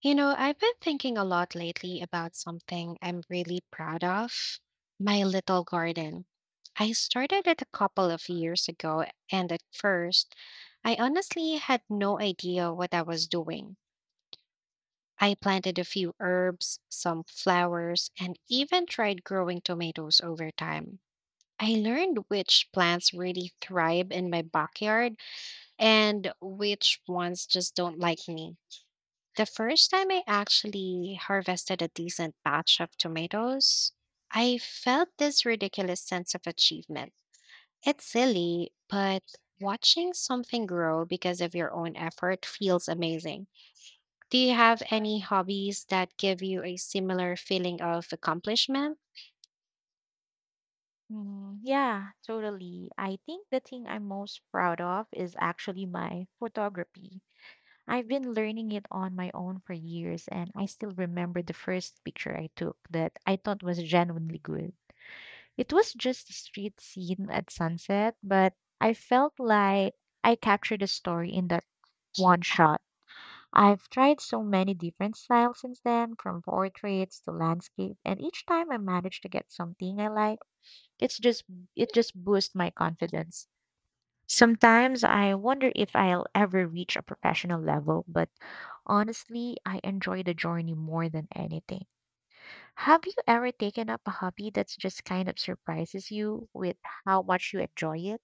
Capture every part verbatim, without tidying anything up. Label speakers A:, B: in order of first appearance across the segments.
A: You know, I've been thinking a lot lately about something I'm really proud of, my little garden. I started it a couple of years ago, and at first, I honestly had no idea what I was doing. I planted a few herbs, some flowers, and even tried growing tomatoes over time. I learned which plants really thrive in my backyard and which ones just don't like me. The first time I actually harvested a decent batch of tomatoes, I felt this ridiculous sense of achievement. It's silly, but watching something grow because of your own effort feels amazing. Do you have any hobbies that give you a similar feeling of accomplishment?
B: Mm, yeah, totally. I think the thing I'm most proud of is actually my photography. I've been learning it on my own for years, and I still remember the first picture I took that I thought was genuinely good. It was just a street scene at sunset, but I felt like I captured a story in that one shot. I've tried so many different styles since then, from portraits to landscape, and each time I managed to get something I like. It's just it just boosts my confidence. Sometimes I wonder if I'll ever reach a professional level, but honestly, I enjoy the journey more than anything. Have you ever taken up a hobby that's just kind of surprises you with how much you enjoy it?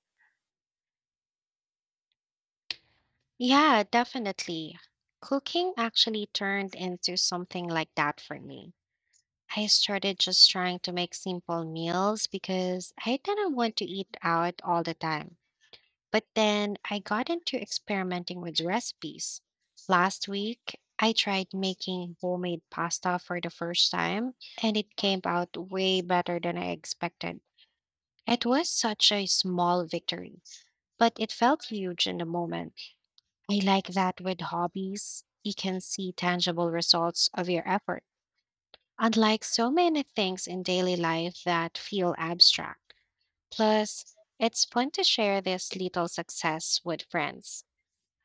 A: Yeah, definitely. Cooking actually turned into something like that for me. I started just trying to make simple meals because I didn't want to eat out all the time. But then I got into experimenting with recipes. Last week, I tried making homemade pasta for the first time, and it came out way better than I expected. It was such a small victory, but it felt huge in the moment. I like that with hobbies, you can see tangible results of your effort, unlike so many things in daily life that feel abstract. Plus, it's fun to share this little success with friends.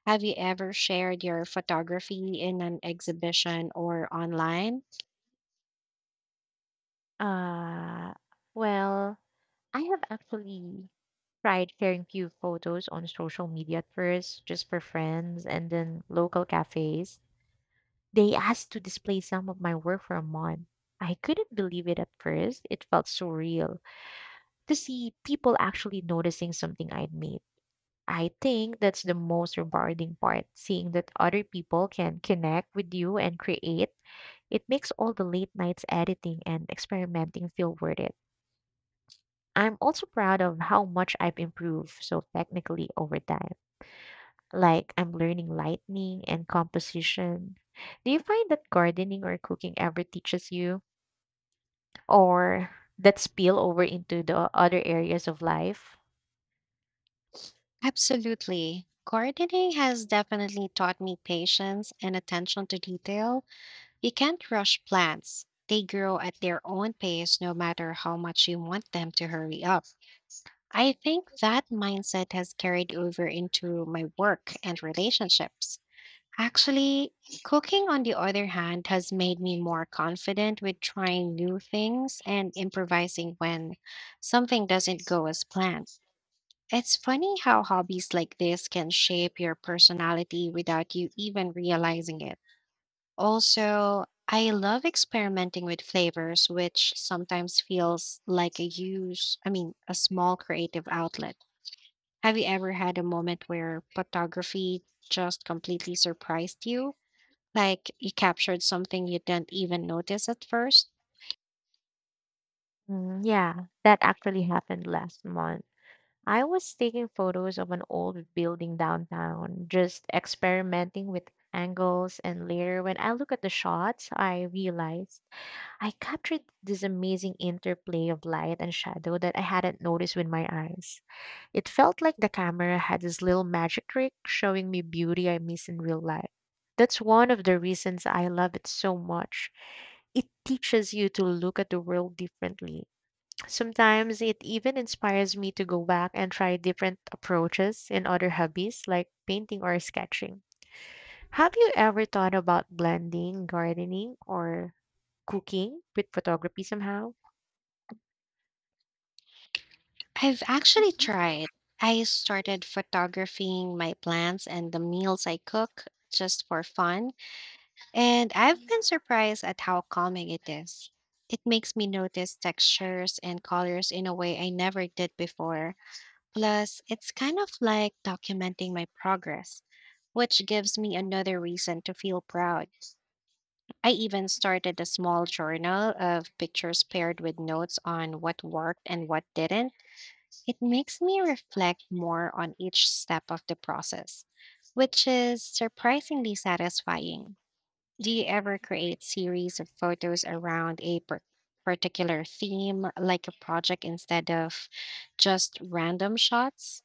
A: Have you ever shared your photography in an exhibition or online?
B: Uh, well, I have actually tried sharing few photos on social media at first, just for friends and then local cafes. They asked to display some of my work for a month. I couldn't believe it at first. It felt surreal to see people actually noticing something I'd made. I think that's the most rewarding part, seeing that other people can connect with you and create. It makes all the late nights editing and experimenting feel worth it. I'm also proud of how much I've improved so technically over time. Like I'm learning lighting and composition. Do you find that gardening or cooking ever teaches you? or that spill over into the other areas of life.
A: Absolutely. Gardening has definitely taught me patience and attention to detail. You can't rush plants. They grow at their own pace no matter how much you want them to hurry up. I think that mindset has carried over into my work and relationships. Actually, cooking, on the other hand, has made me more confident with trying new things and improvising when something doesn't go as planned. It's funny how hobbies like this can shape your personality without you even realizing it. Also, I love experimenting with flavors, which sometimes feels like a use, I mean, a small creative outlet. Have you ever had a moment where photography just completely surprised you? Like you captured something you didn't even notice at first?
B: Mm, yeah, that actually happened last month. I was taking photos of an old building downtown, just experimenting with angles, and later when I look at the shots, I realized I captured this amazing interplay of light and shadow that I hadn't noticed with my eyes. It felt like the camera had this little magic trick showing me beauty I miss in real life. That's one of the reasons I love it so much. It teaches you to look at the world differently. Sometimes it even inspires me to go back and try different approaches in other hobbies like painting or sketching. Have you ever thought about blending gardening or cooking with photography somehow?
A: I've actually tried. I started photographing my plants and the meals I cook just for fun, and I've been surprised at how calming it is. It makes me notice textures and colors in a way I never did before. Plus, it's kind of like documenting my progress, which gives me another reason to feel proud. I even started a small journal of pictures paired with notes on what worked and what didn't. It makes me reflect more on each step of the process, which is surprisingly satisfying. Do you ever create series of photos around a par- particular theme, like a project instead of just random shots?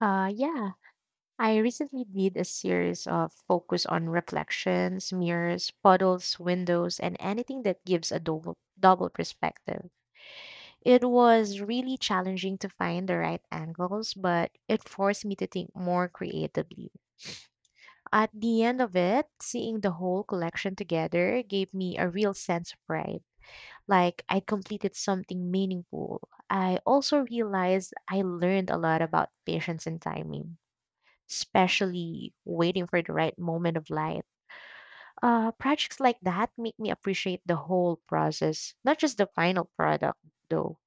B: Uh, yeah, I recently did a series of focus on reflections, mirrors, puddles, windows, and anything that gives a double double perspective. It was really challenging to find the right angles, but it forced me to think more creatively. At the end of it, seeing the whole collection together gave me a real sense of pride. like I completed something meaningful. I also realized I learned a lot about patience and timing, especially waiting for the right moment of light. Uh, projects like that make me appreciate the whole process, not just the final product, though.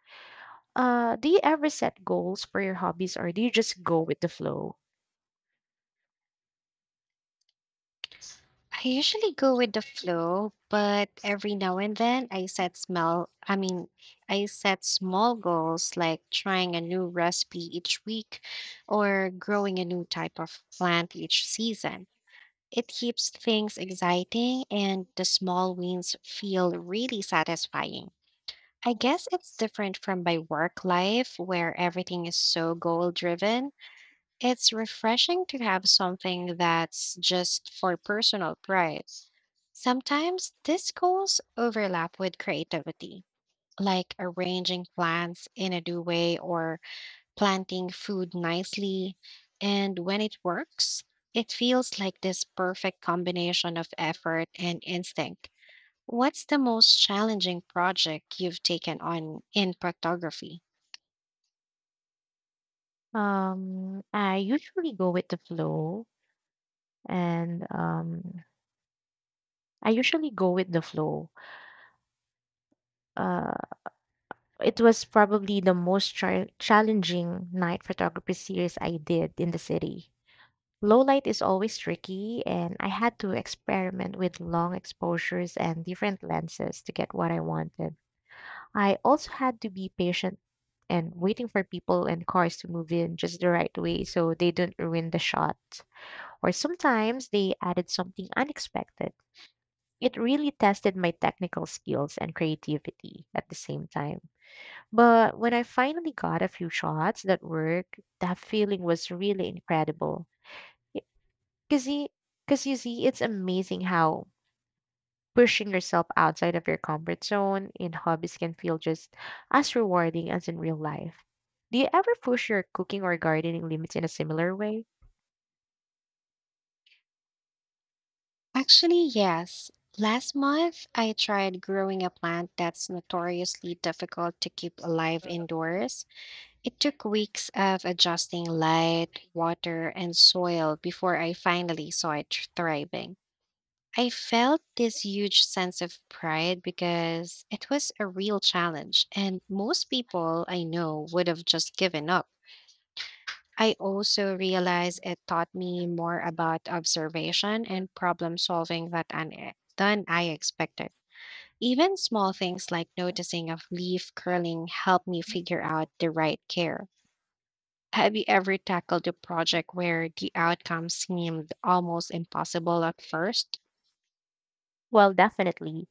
B: Uh, do you ever set goals for your hobbies or do you just go with the flow?
A: I usually go with the flow, but every now and then I set smell I mean, I set small goals like trying a new recipe each week or growing a new type of plant each season. It keeps things exciting and the small wins feel really satisfying. I guess it's different from my work life where everything is so goal driven. It's refreshing to have something that's just for personal pride. Sometimes these goals overlap with creativity, like arranging plants in a new way or planting food nicely. And when it works, it feels like this perfect combination of effort and instinct. What's the most challenging project you've taken on in proctography?
B: Um, I usually go with the flow, and um, I usually go with the flow. Uh, It was probably the most chal challenging night photography series I did in the city. Low light is always tricky, and I had to experiment with long exposures and different lenses to get what I wanted. I also had to be patient and waiting for people and cars to move in just the right way so they don't ruin the shot. Or sometimes they added something unexpected. It really tested my technical skills and creativity at the same time. But when I finally got a few shots that worked, that feeling was really incredible. Because you, 'cause you see, it's amazing how pushing yourself outside of your comfort zone in hobbies can feel just as rewarding as in real life. Do you ever push your cooking or gardening limits in a similar way?
A: Actually, yes. Last month, I tried growing a plant that's notoriously difficult to keep alive indoors. It took weeks of adjusting light, water, and soil before I finally saw it tr- thriving. I felt this huge sense of pride because it was a real challenge, and most people I know would have just given up. I also realize it taught me more about observation and problem solving that un- than I expected. Even small things like noticing a leaf curling help me figure out the right care. Have you ever tackled a project where the outcome seemed almost impossible at first?
B: Well, definitely.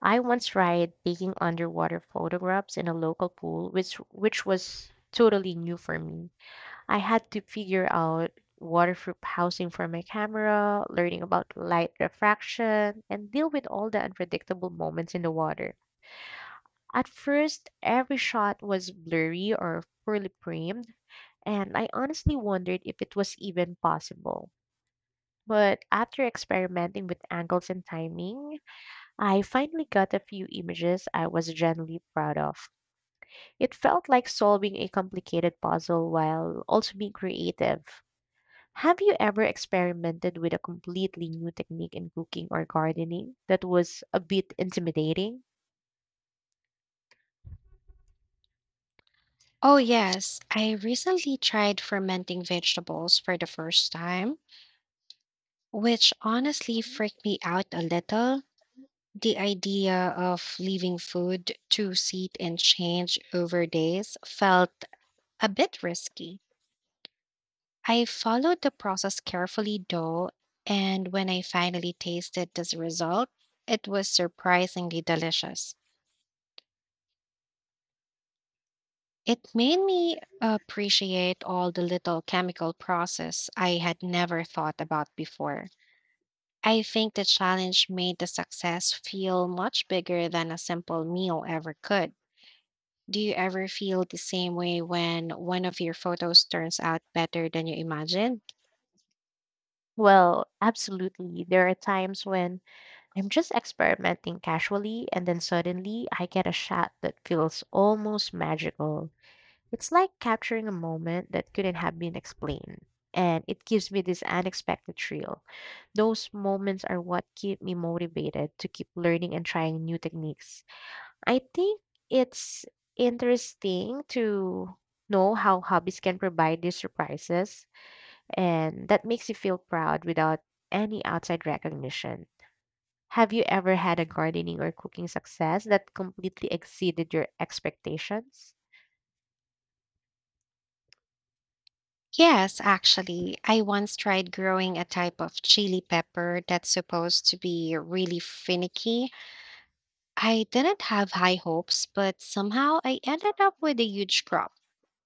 B: I once tried taking underwater photographs in a local pool, which which was totally new for me. I had to figure out waterproof housing for my camera, learning about light refraction, and deal with all the unpredictable moments in the water. At first, every shot was blurry or poorly framed, and I honestly wondered if it was even possible. But after experimenting with angles and timing, I finally got a few images I was genuinely proud of. It felt like solving a complicated puzzle while also being creative. Have you ever experimented with a completely new technique in cooking or gardening that was a bit intimidating?
A: Oh, yes. I recently tried fermenting vegetables for the first time, which honestly freaked me out a little. The idea of leaving food to seat and change over days felt a bit risky. I followed the process carefully though, and when I finally tasted this result, it was surprisingly delicious. It made me appreciate all the little chemical process I had never thought about before. I think the challenge made the success feel much bigger than a simple meal ever could. Do you ever feel the same way when one of your photos turns out better than you imagined?
B: Well, absolutely. There are times when I'm just experimenting casually, and then suddenly I get a shot that feels almost magical. It's like capturing a moment that couldn't have been explained, and it gives me this unexpected thrill. Those moments are what keep me motivated to keep learning and trying new techniques. I think it's interesting to know how hobbies can provide these surprises, and that makes you feel proud without any outside recognition. Have you ever had a gardening or cooking success that completely exceeded your expectations?
A: Yes, actually. I once tried growing a type of chili pepper that's supposed to be really finicky. I didn't have high hopes, but somehow I ended up with a huge crop.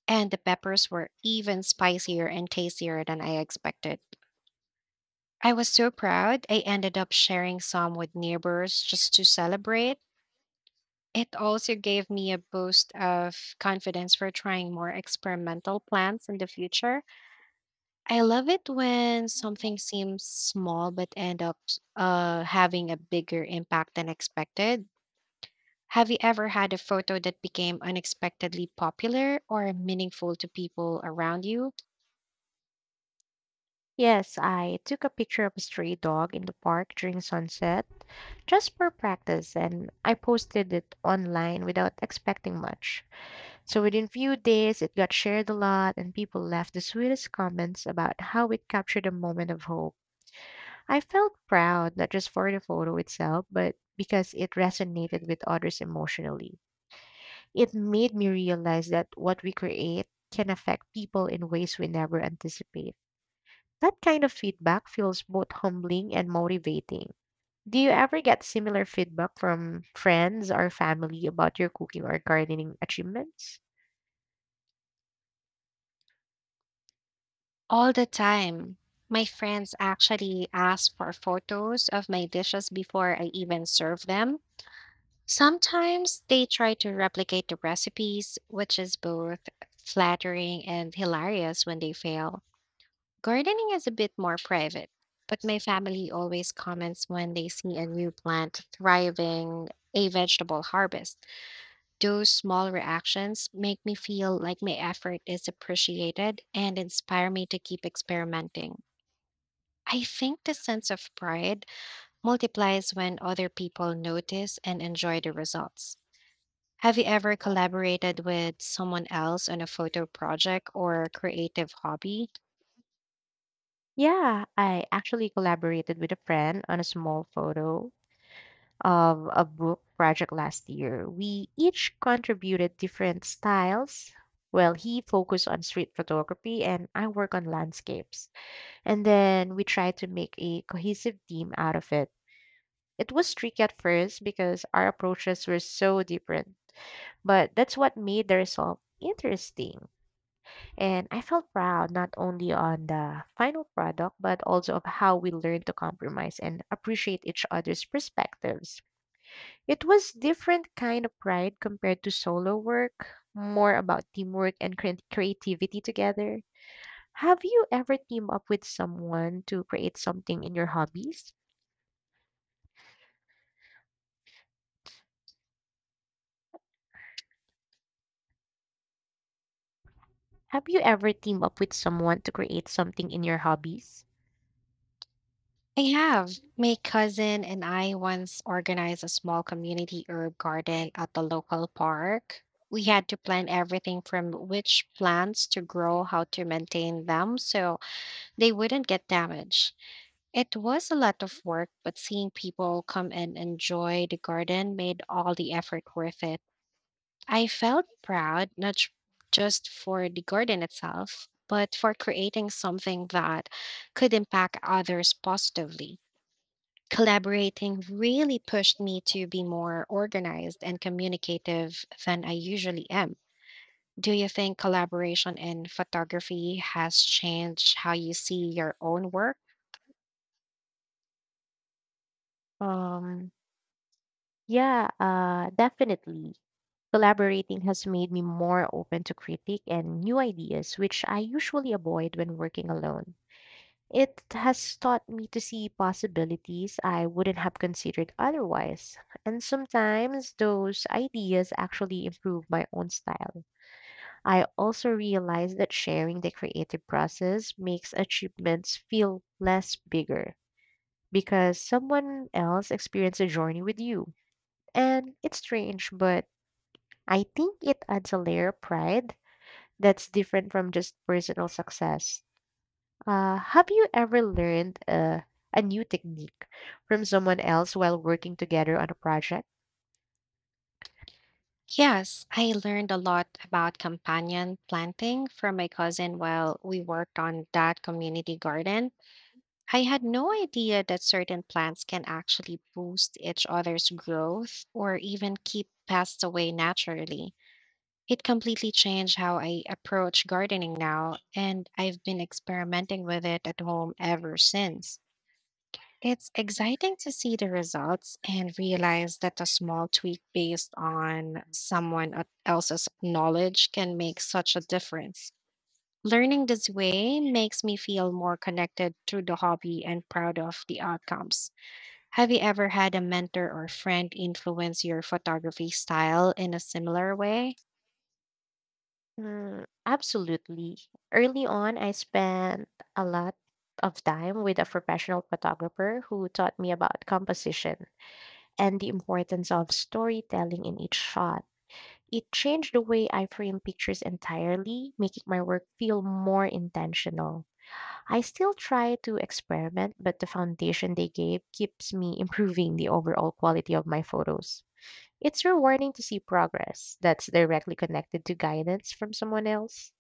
A: And the peppers were even spicier and tastier than I expected. I was so proud, I ended up sharing some with neighbors just to celebrate. It also gave me a boost of confidence for trying more experimental plants in the future. I love it when something seems small but end up uh, having a bigger impact than expected. Have you ever had a photo that became unexpectedly popular or meaningful to people around you?
B: Yes, I took a picture of a stray dog in the park during sunset just for practice, and I posted it online without expecting much. So within few days, it got shared a lot, and people left the sweetest comments about how it captured a moment of hope. I felt proud, not just for the photo itself, but because it resonated with others emotionally. It made me realize that what we create can affect people in ways we never anticipate. That kind of feedback feels both humbling and motivating. Do you ever get similar feedback from friends or family about your cooking or gardening achievements?
A: All the time. My friends actually ask for photos of my dishes before I even serve them. Sometimes they try to replicate the recipes, which is both flattering and hilarious when they fail. Gardening is a bit more private, but my family always comments when they see a new plant thriving, a vegetable harvest. Those small reactions make me feel like my effort is appreciated and inspire me to keep experimenting. I think the sense of pride multiplies when other people notice and enjoy the results. Have you ever collaborated with someone else on a photo project or creative hobby?
B: Yeah, I actually collaborated with a friend on a small photo of a book project last year. We each contributed different styles. Well, he focused on street photography and I work on landscapes. And then we tried to make a cohesive theme out of it. It was tricky at first because our approaches were so different, but that's what made the result interesting. And I felt proud not only on the final product, but also of how we learned to compromise and appreciate each other's perspectives. It was different kind of pride compared to solo work, more about teamwork and creat- creativity together. Have you ever teamed up with someone to create something in your hobbies? Have you ever teamed up with someone to create something in your hobbies?
A: I have. My cousin and I once organized a small community herb garden at the local park. We had to plan everything from which plants to grow, how to maintain them so they wouldn't get damaged. It was a lot of work, but seeing people come and enjoy the garden made all the effort worth it. I felt proud, not j- just for the garden itself, but for creating something that could impact others positively. Collaborating really pushed me to be more organized and communicative than I usually am. Do you think collaboration in photography has changed how you see your own work?
B: Um, yeah, uh, Definitely. Collaborating has made me more open to critique and new ideas, which I usually avoid when working alone. It has taught me to see possibilities I wouldn't have considered otherwise, and sometimes those ideas actually improve my own style. I also realized that sharing the creative process makes achievements feel less bigger because someone else experienced a journey with you. And it's strange, but I think it adds a layer of pride that's different from just personal success. Uh, have you ever learned uh, a new technique from someone else while working together on a project?
A: Yes, I learned a lot about companion planting from my cousin while we worked on that community garden. I had no idea that certain plants can actually boost each other's growth or even keep pests away naturally. It completely changed how I approach gardening now, and I've been experimenting with it at home ever since. It's exciting to see the results and realize that a small tweak based on someone else's knowledge can make such a difference. Learning this way makes me feel more connected to the hobby and proud of the outcomes. Have you ever had a mentor or friend influence your photography style in a similar way?
B: Mm, absolutely. Early on, I spent a lot of time with a professional photographer who taught me about composition and the importance of storytelling in each shot. It changed the way I frame pictures entirely, making my work feel more intentional. I still try to experiment, but the foundation they gave keeps me improving the overall quality of my photos. It's rewarding to see progress that's directly connected to guidance from someone else.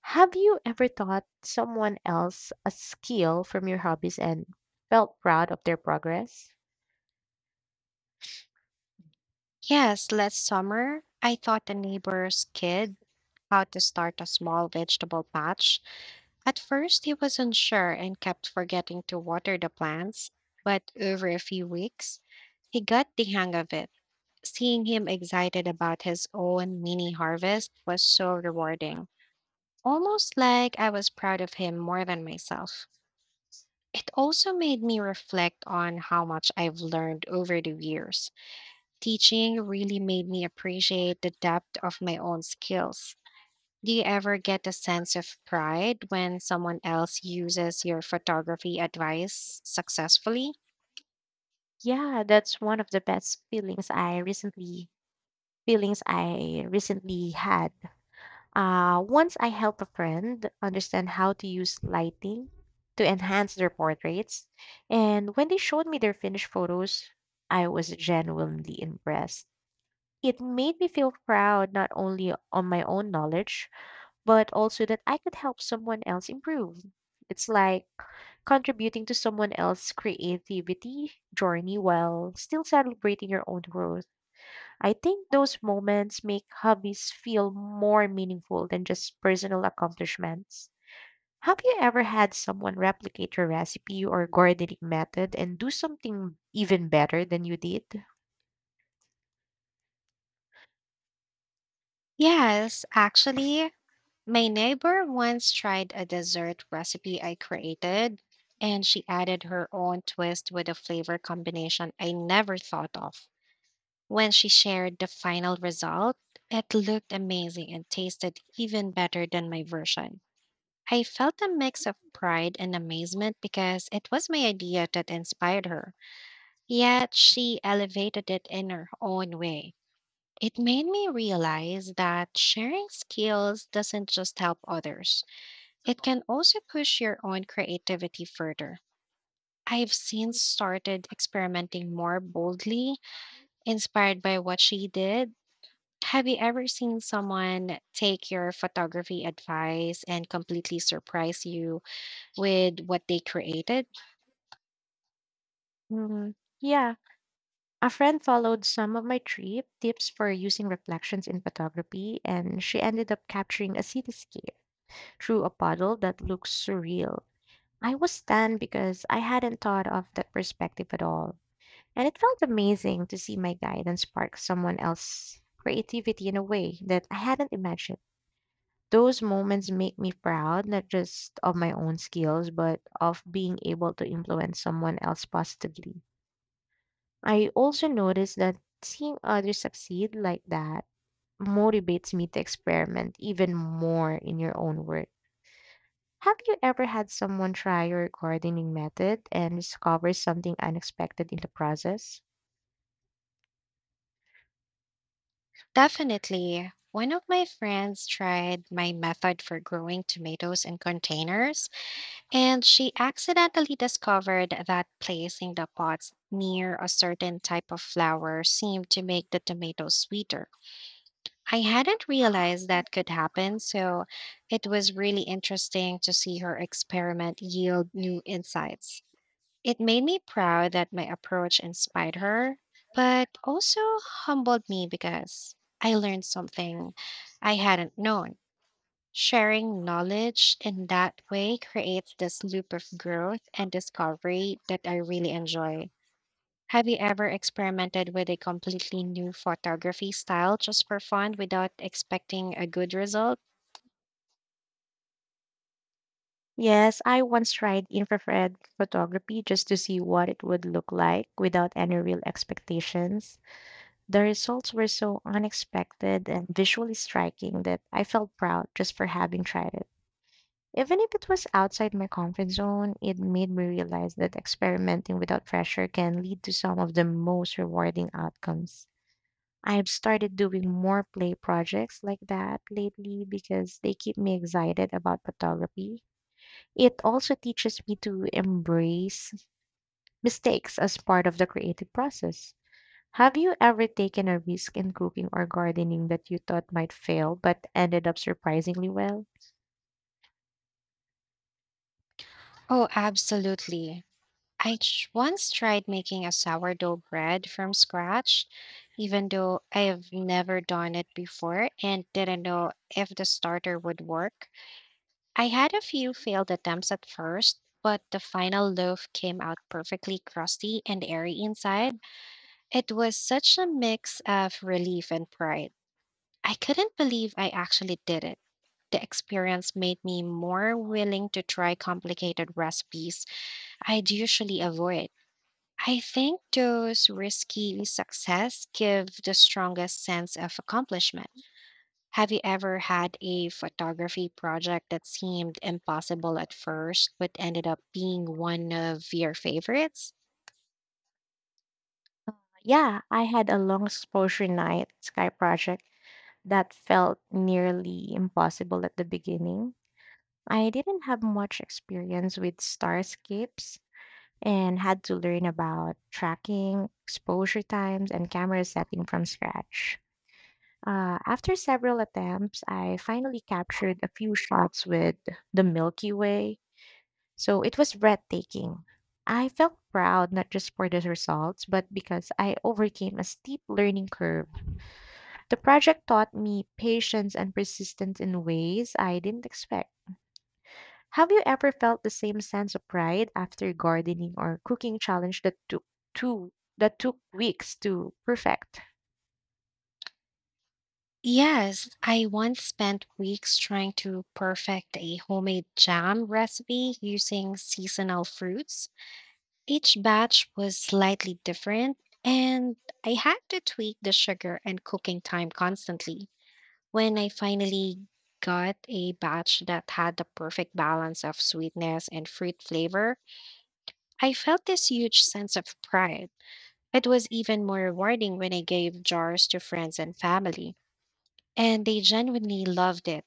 B: Have you ever taught someone else a skill from your hobbies and felt proud of their progress?
A: Yes, last summer, I taught a neighbor's kid how to start a small vegetable patch. At first, he was unsure and kept forgetting to water the plants, but over a few weeks, he got the hang of it. Seeing him excited about his own mini harvest was so rewarding, almost like I was proud of him more than myself. It also made me reflect on how much I've learned over the years. Teaching really made me appreciate the depth of my own skills. Do you ever get a sense of pride when someone else uses your photography advice successfully?
B: Yeah, that's one of the best feelings I recently feelings I recently had. Uh, once I helped a friend understand how to use lighting to enhance their portraits, and when they showed me their finished photos, I was genuinely impressed. It made me feel proud not only on my own knowledge, but also that I could help someone else improve. It's like contributing to someone else's creativity journey while still celebrating your own growth. I think those moments make hobbies feel more meaningful than just personal accomplishments. Have you ever had someone replicate your recipe or gardening method and do something even better than you did?
A: Yes, actually. My neighbor once tried a dessert recipe I created, and she added her own twist with a flavor combination I never thought of. When she shared the final result, it looked amazing and tasted even better than my version. I felt a mix of pride and amazement because it was my idea that inspired her, yet she elevated it in her own way. It made me realize that sharing skills doesn't just help others, it can also push your own creativity further. I've since started experimenting more boldly, inspired by what she did. Have you ever seen someone take your photography advice and completely surprise you with what they created?
B: Mm, yeah, a friend followed some of my trip tips for using reflections in photography, and she ended up capturing a cityscape through a puddle that looks surreal. I was stunned because I hadn't thought of that perspective at all. And it felt amazing to see my guidance spark someone else's creativity in a way that I hadn't imagined. Those moments make me proud, not just of my own skills, but of being able to influence someone else positively. I also noticed that seeing others succeed like that motivates me to experiment even more in your own work. Have you ever had someone try your gardening method and discover something unexpected in the process?
A: Definitely. One of my friends tried my method for growing tomatoes in containers, and she accidentally discovered that placing the pots near a certain type of flower seemed to make the tomatoes sweeter. I hadn't realized that could happen, so it was really interesting to see her experiment yield new insights. It made me proud that my approach inspired her, but also humbled me because I learned something I hadn't known. Sharing knowledge in that way creates this loop of growth and discovery that I really enjoy. Have you ever experimented with a completely new photography style just for fun without expecting a good result?
B: Yes, I once tried infrared photography just to see what it would look like without any real expectations. The results were so unexpected and visually striking that I felt proud just for having tried it. Even if it was outside my comfort zone, it made me realize that experimenting without pressure can lead to some of the most rewarding outcomes. I've started doing more play projects like that lately because they keep me excited about photography. It also teaches me to embrace mistakes as part of the creative process. Have you ever taken a risk in cooking or gardening that you thought might fail but ended up surprisingly well?
A: Oh, absolutely. I ch- once tried making a sourdough bread from scratch, even though I have never done it before and didn't know if the starter would work. I had a few failed attempts at first, but the final loaf came out perfectly crusty and airy inside. It was such a mix of relief and pride. I couldn't believe I actually did it. The experience made me more willing to try complicated recipes I'd usually avoid. I think those risky success give the strongest sense of accomplishment. Have you ever had a photography project that seemed impossible at first, but ended up being one of your favorites?
B: Yeah, I had a long exposure night sky project that felt nearly impossible at the beginning. I didn't have much experience with starscapes and had to learn about tracking, exposure times, and camera setting from scratch. Uh, after several attempts, I finally captured a few shots with the Milky Way, so it was breathtaking. I felt proud not just for the results, but because I overcame a steep learning curve. The project taught me patience and persistence in ways I didn't expect. Have you ever felt the same sense of pride after gardening or cooking challenge that took two that took weeks to perfect?
A: Yes, I once spent weeks trying to perfect a homemade jam recipe using seasonal fruits. Each batch was slightly different, and I had to tweak the sugar and cooking time constantly. When I finally got a batch that had the perfect balance of sweetness and fruit flavor, I felt this huge sense of pride. It was even more rewarding when I gave jars to friends and family, and they genuinely loved it.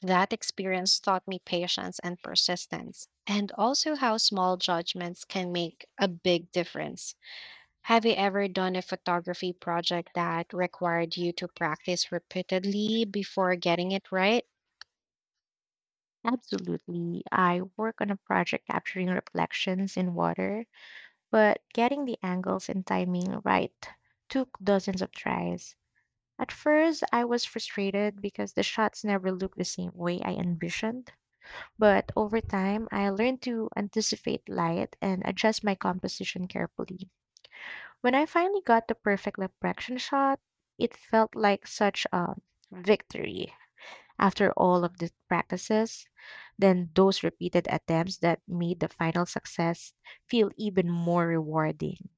A: That experience taught me patience and persistence, and also how small judgments can make a big difference. Have you ever done a photography project that required you to practice repeatedly before getting it right?
B: Absolutely. I work on a project capturing reflections in water, but getting the angles and timing right took dozens of tries. At first, I was frustrated because the shots never looked the same way I envisioned, but over time, I learned to anticipate light and adjust my composition carefully. When I finally got the perfect reflection shot, it felt like such a victory. After all of the practices, then those repeated attempts that made the final success feel even more rewarding.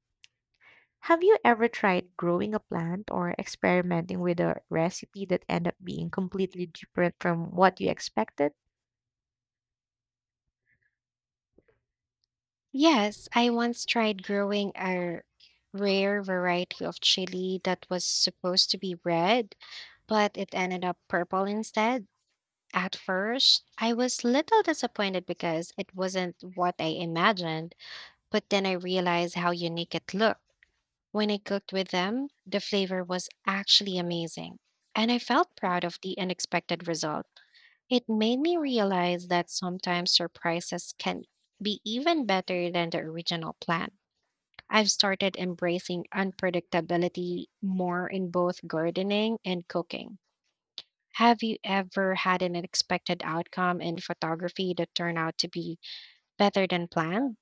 B: Have you ever tried growing a plant or experimenting with a recipe that ended up being completely different from what you expected?
A: Yes, I once tried growing a rare variety of chili that was supposed to be red but it ended up purple instead. At first, I was little disappointed because it wasn't what I imagined, but then I realized how unique it looked. When I cooked with them, the flavor was actually amazing, and I felt proud of the unexpected result. It made me realize that sometimes surprises can be even better than the original plan. I've started embracing unpredictability more in both gardening and cooking. Have you ever had an unexpected outcome in photography that turned out to be better than planned?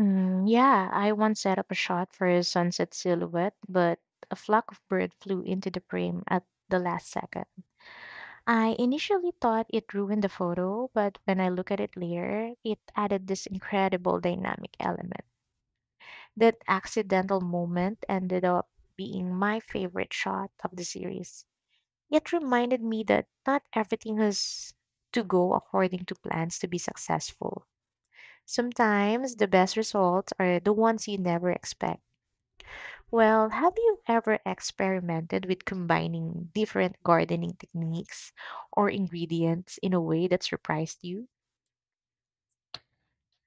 B: Mm, yeah, I once set up a shot for a sunset silhouette, but a flock of birds flew into the frame at the last second. I initially thought it ruined the photo, but when I look at it later, it added this incredible dynamic element. That accidental moment ended up being my favorite shot of the series. It reminded me that not everything has to go according to plans to be successful. Sometimes the best results are the ones you never expect. Well, have you ever experimented with combining different gardening techniques or ingredients in a way that surprised you?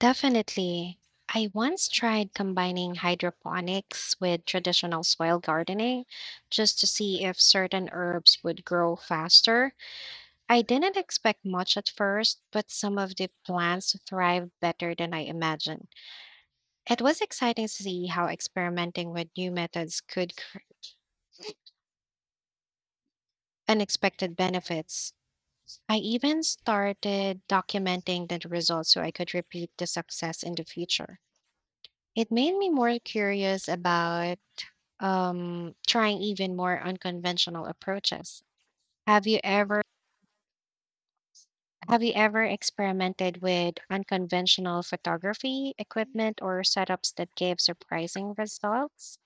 A: Definitely. I once tried combining hydroponics with traditional soil gardening just to see if certain herbs would grow faster. I didn't expect much at first, but some of the plants thrived better than I imagined. It was exciting to see how experimenting with new methods could cr- unexpected benefits. I even started documenting the results so I could repeat the success in the future. It made me more curious about um, trying even more unconventional approaches. Have you ever have you ever experimented with unconventional photography equipment or setups that gave surprising results?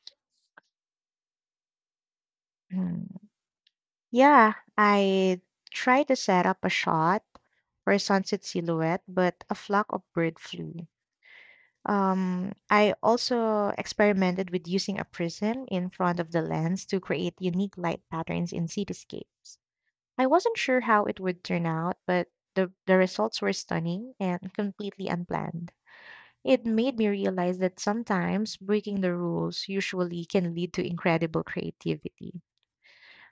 B: Mm, Yeah, I tried to set up a shot for a sunset silhouette, but a flock of bird flew. Um, I also experimented with using a prism in front of the lens to create unique light patterns in cityscapes. I wasn't sure how it would turn out, but the, the results were stunning and completely unplanned. It made me realize that sometimes breaking the rules usually can lead to incredible creativity.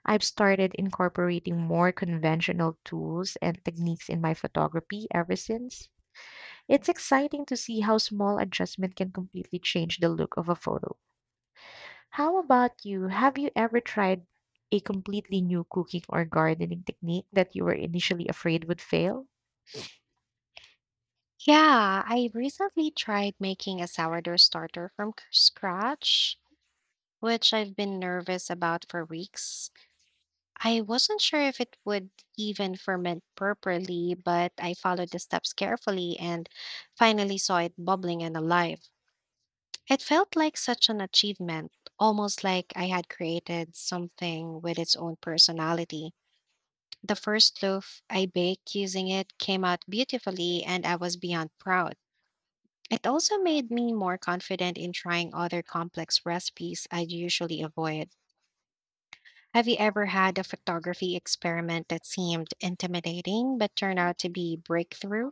B: I've started incorporating more conventional tools and techniques in my photography ever since. It's exciting to see how small adjustment can completely change the look of a photo. How about you? Have you ever tried a completely new cooking or gardening technique that you were initially afraid would fail?
A: Yeah, I recently tried making a sourdough starter from c- scratch, which I've been nervous about for weeks. I wasn't sure if it would even ferment properly, but I followed the steps carefully and finally saw it bubbling and alive. It felt like such an achievement, almost like I had created something with its own personality. The first loaf I baked using it came out beautifully, and I was beyond proud. It also made me more confident in trying other complex recipes I usually avoid. Have you ever had a photography experiment that seemed intimidating but turned out to be breakthrough?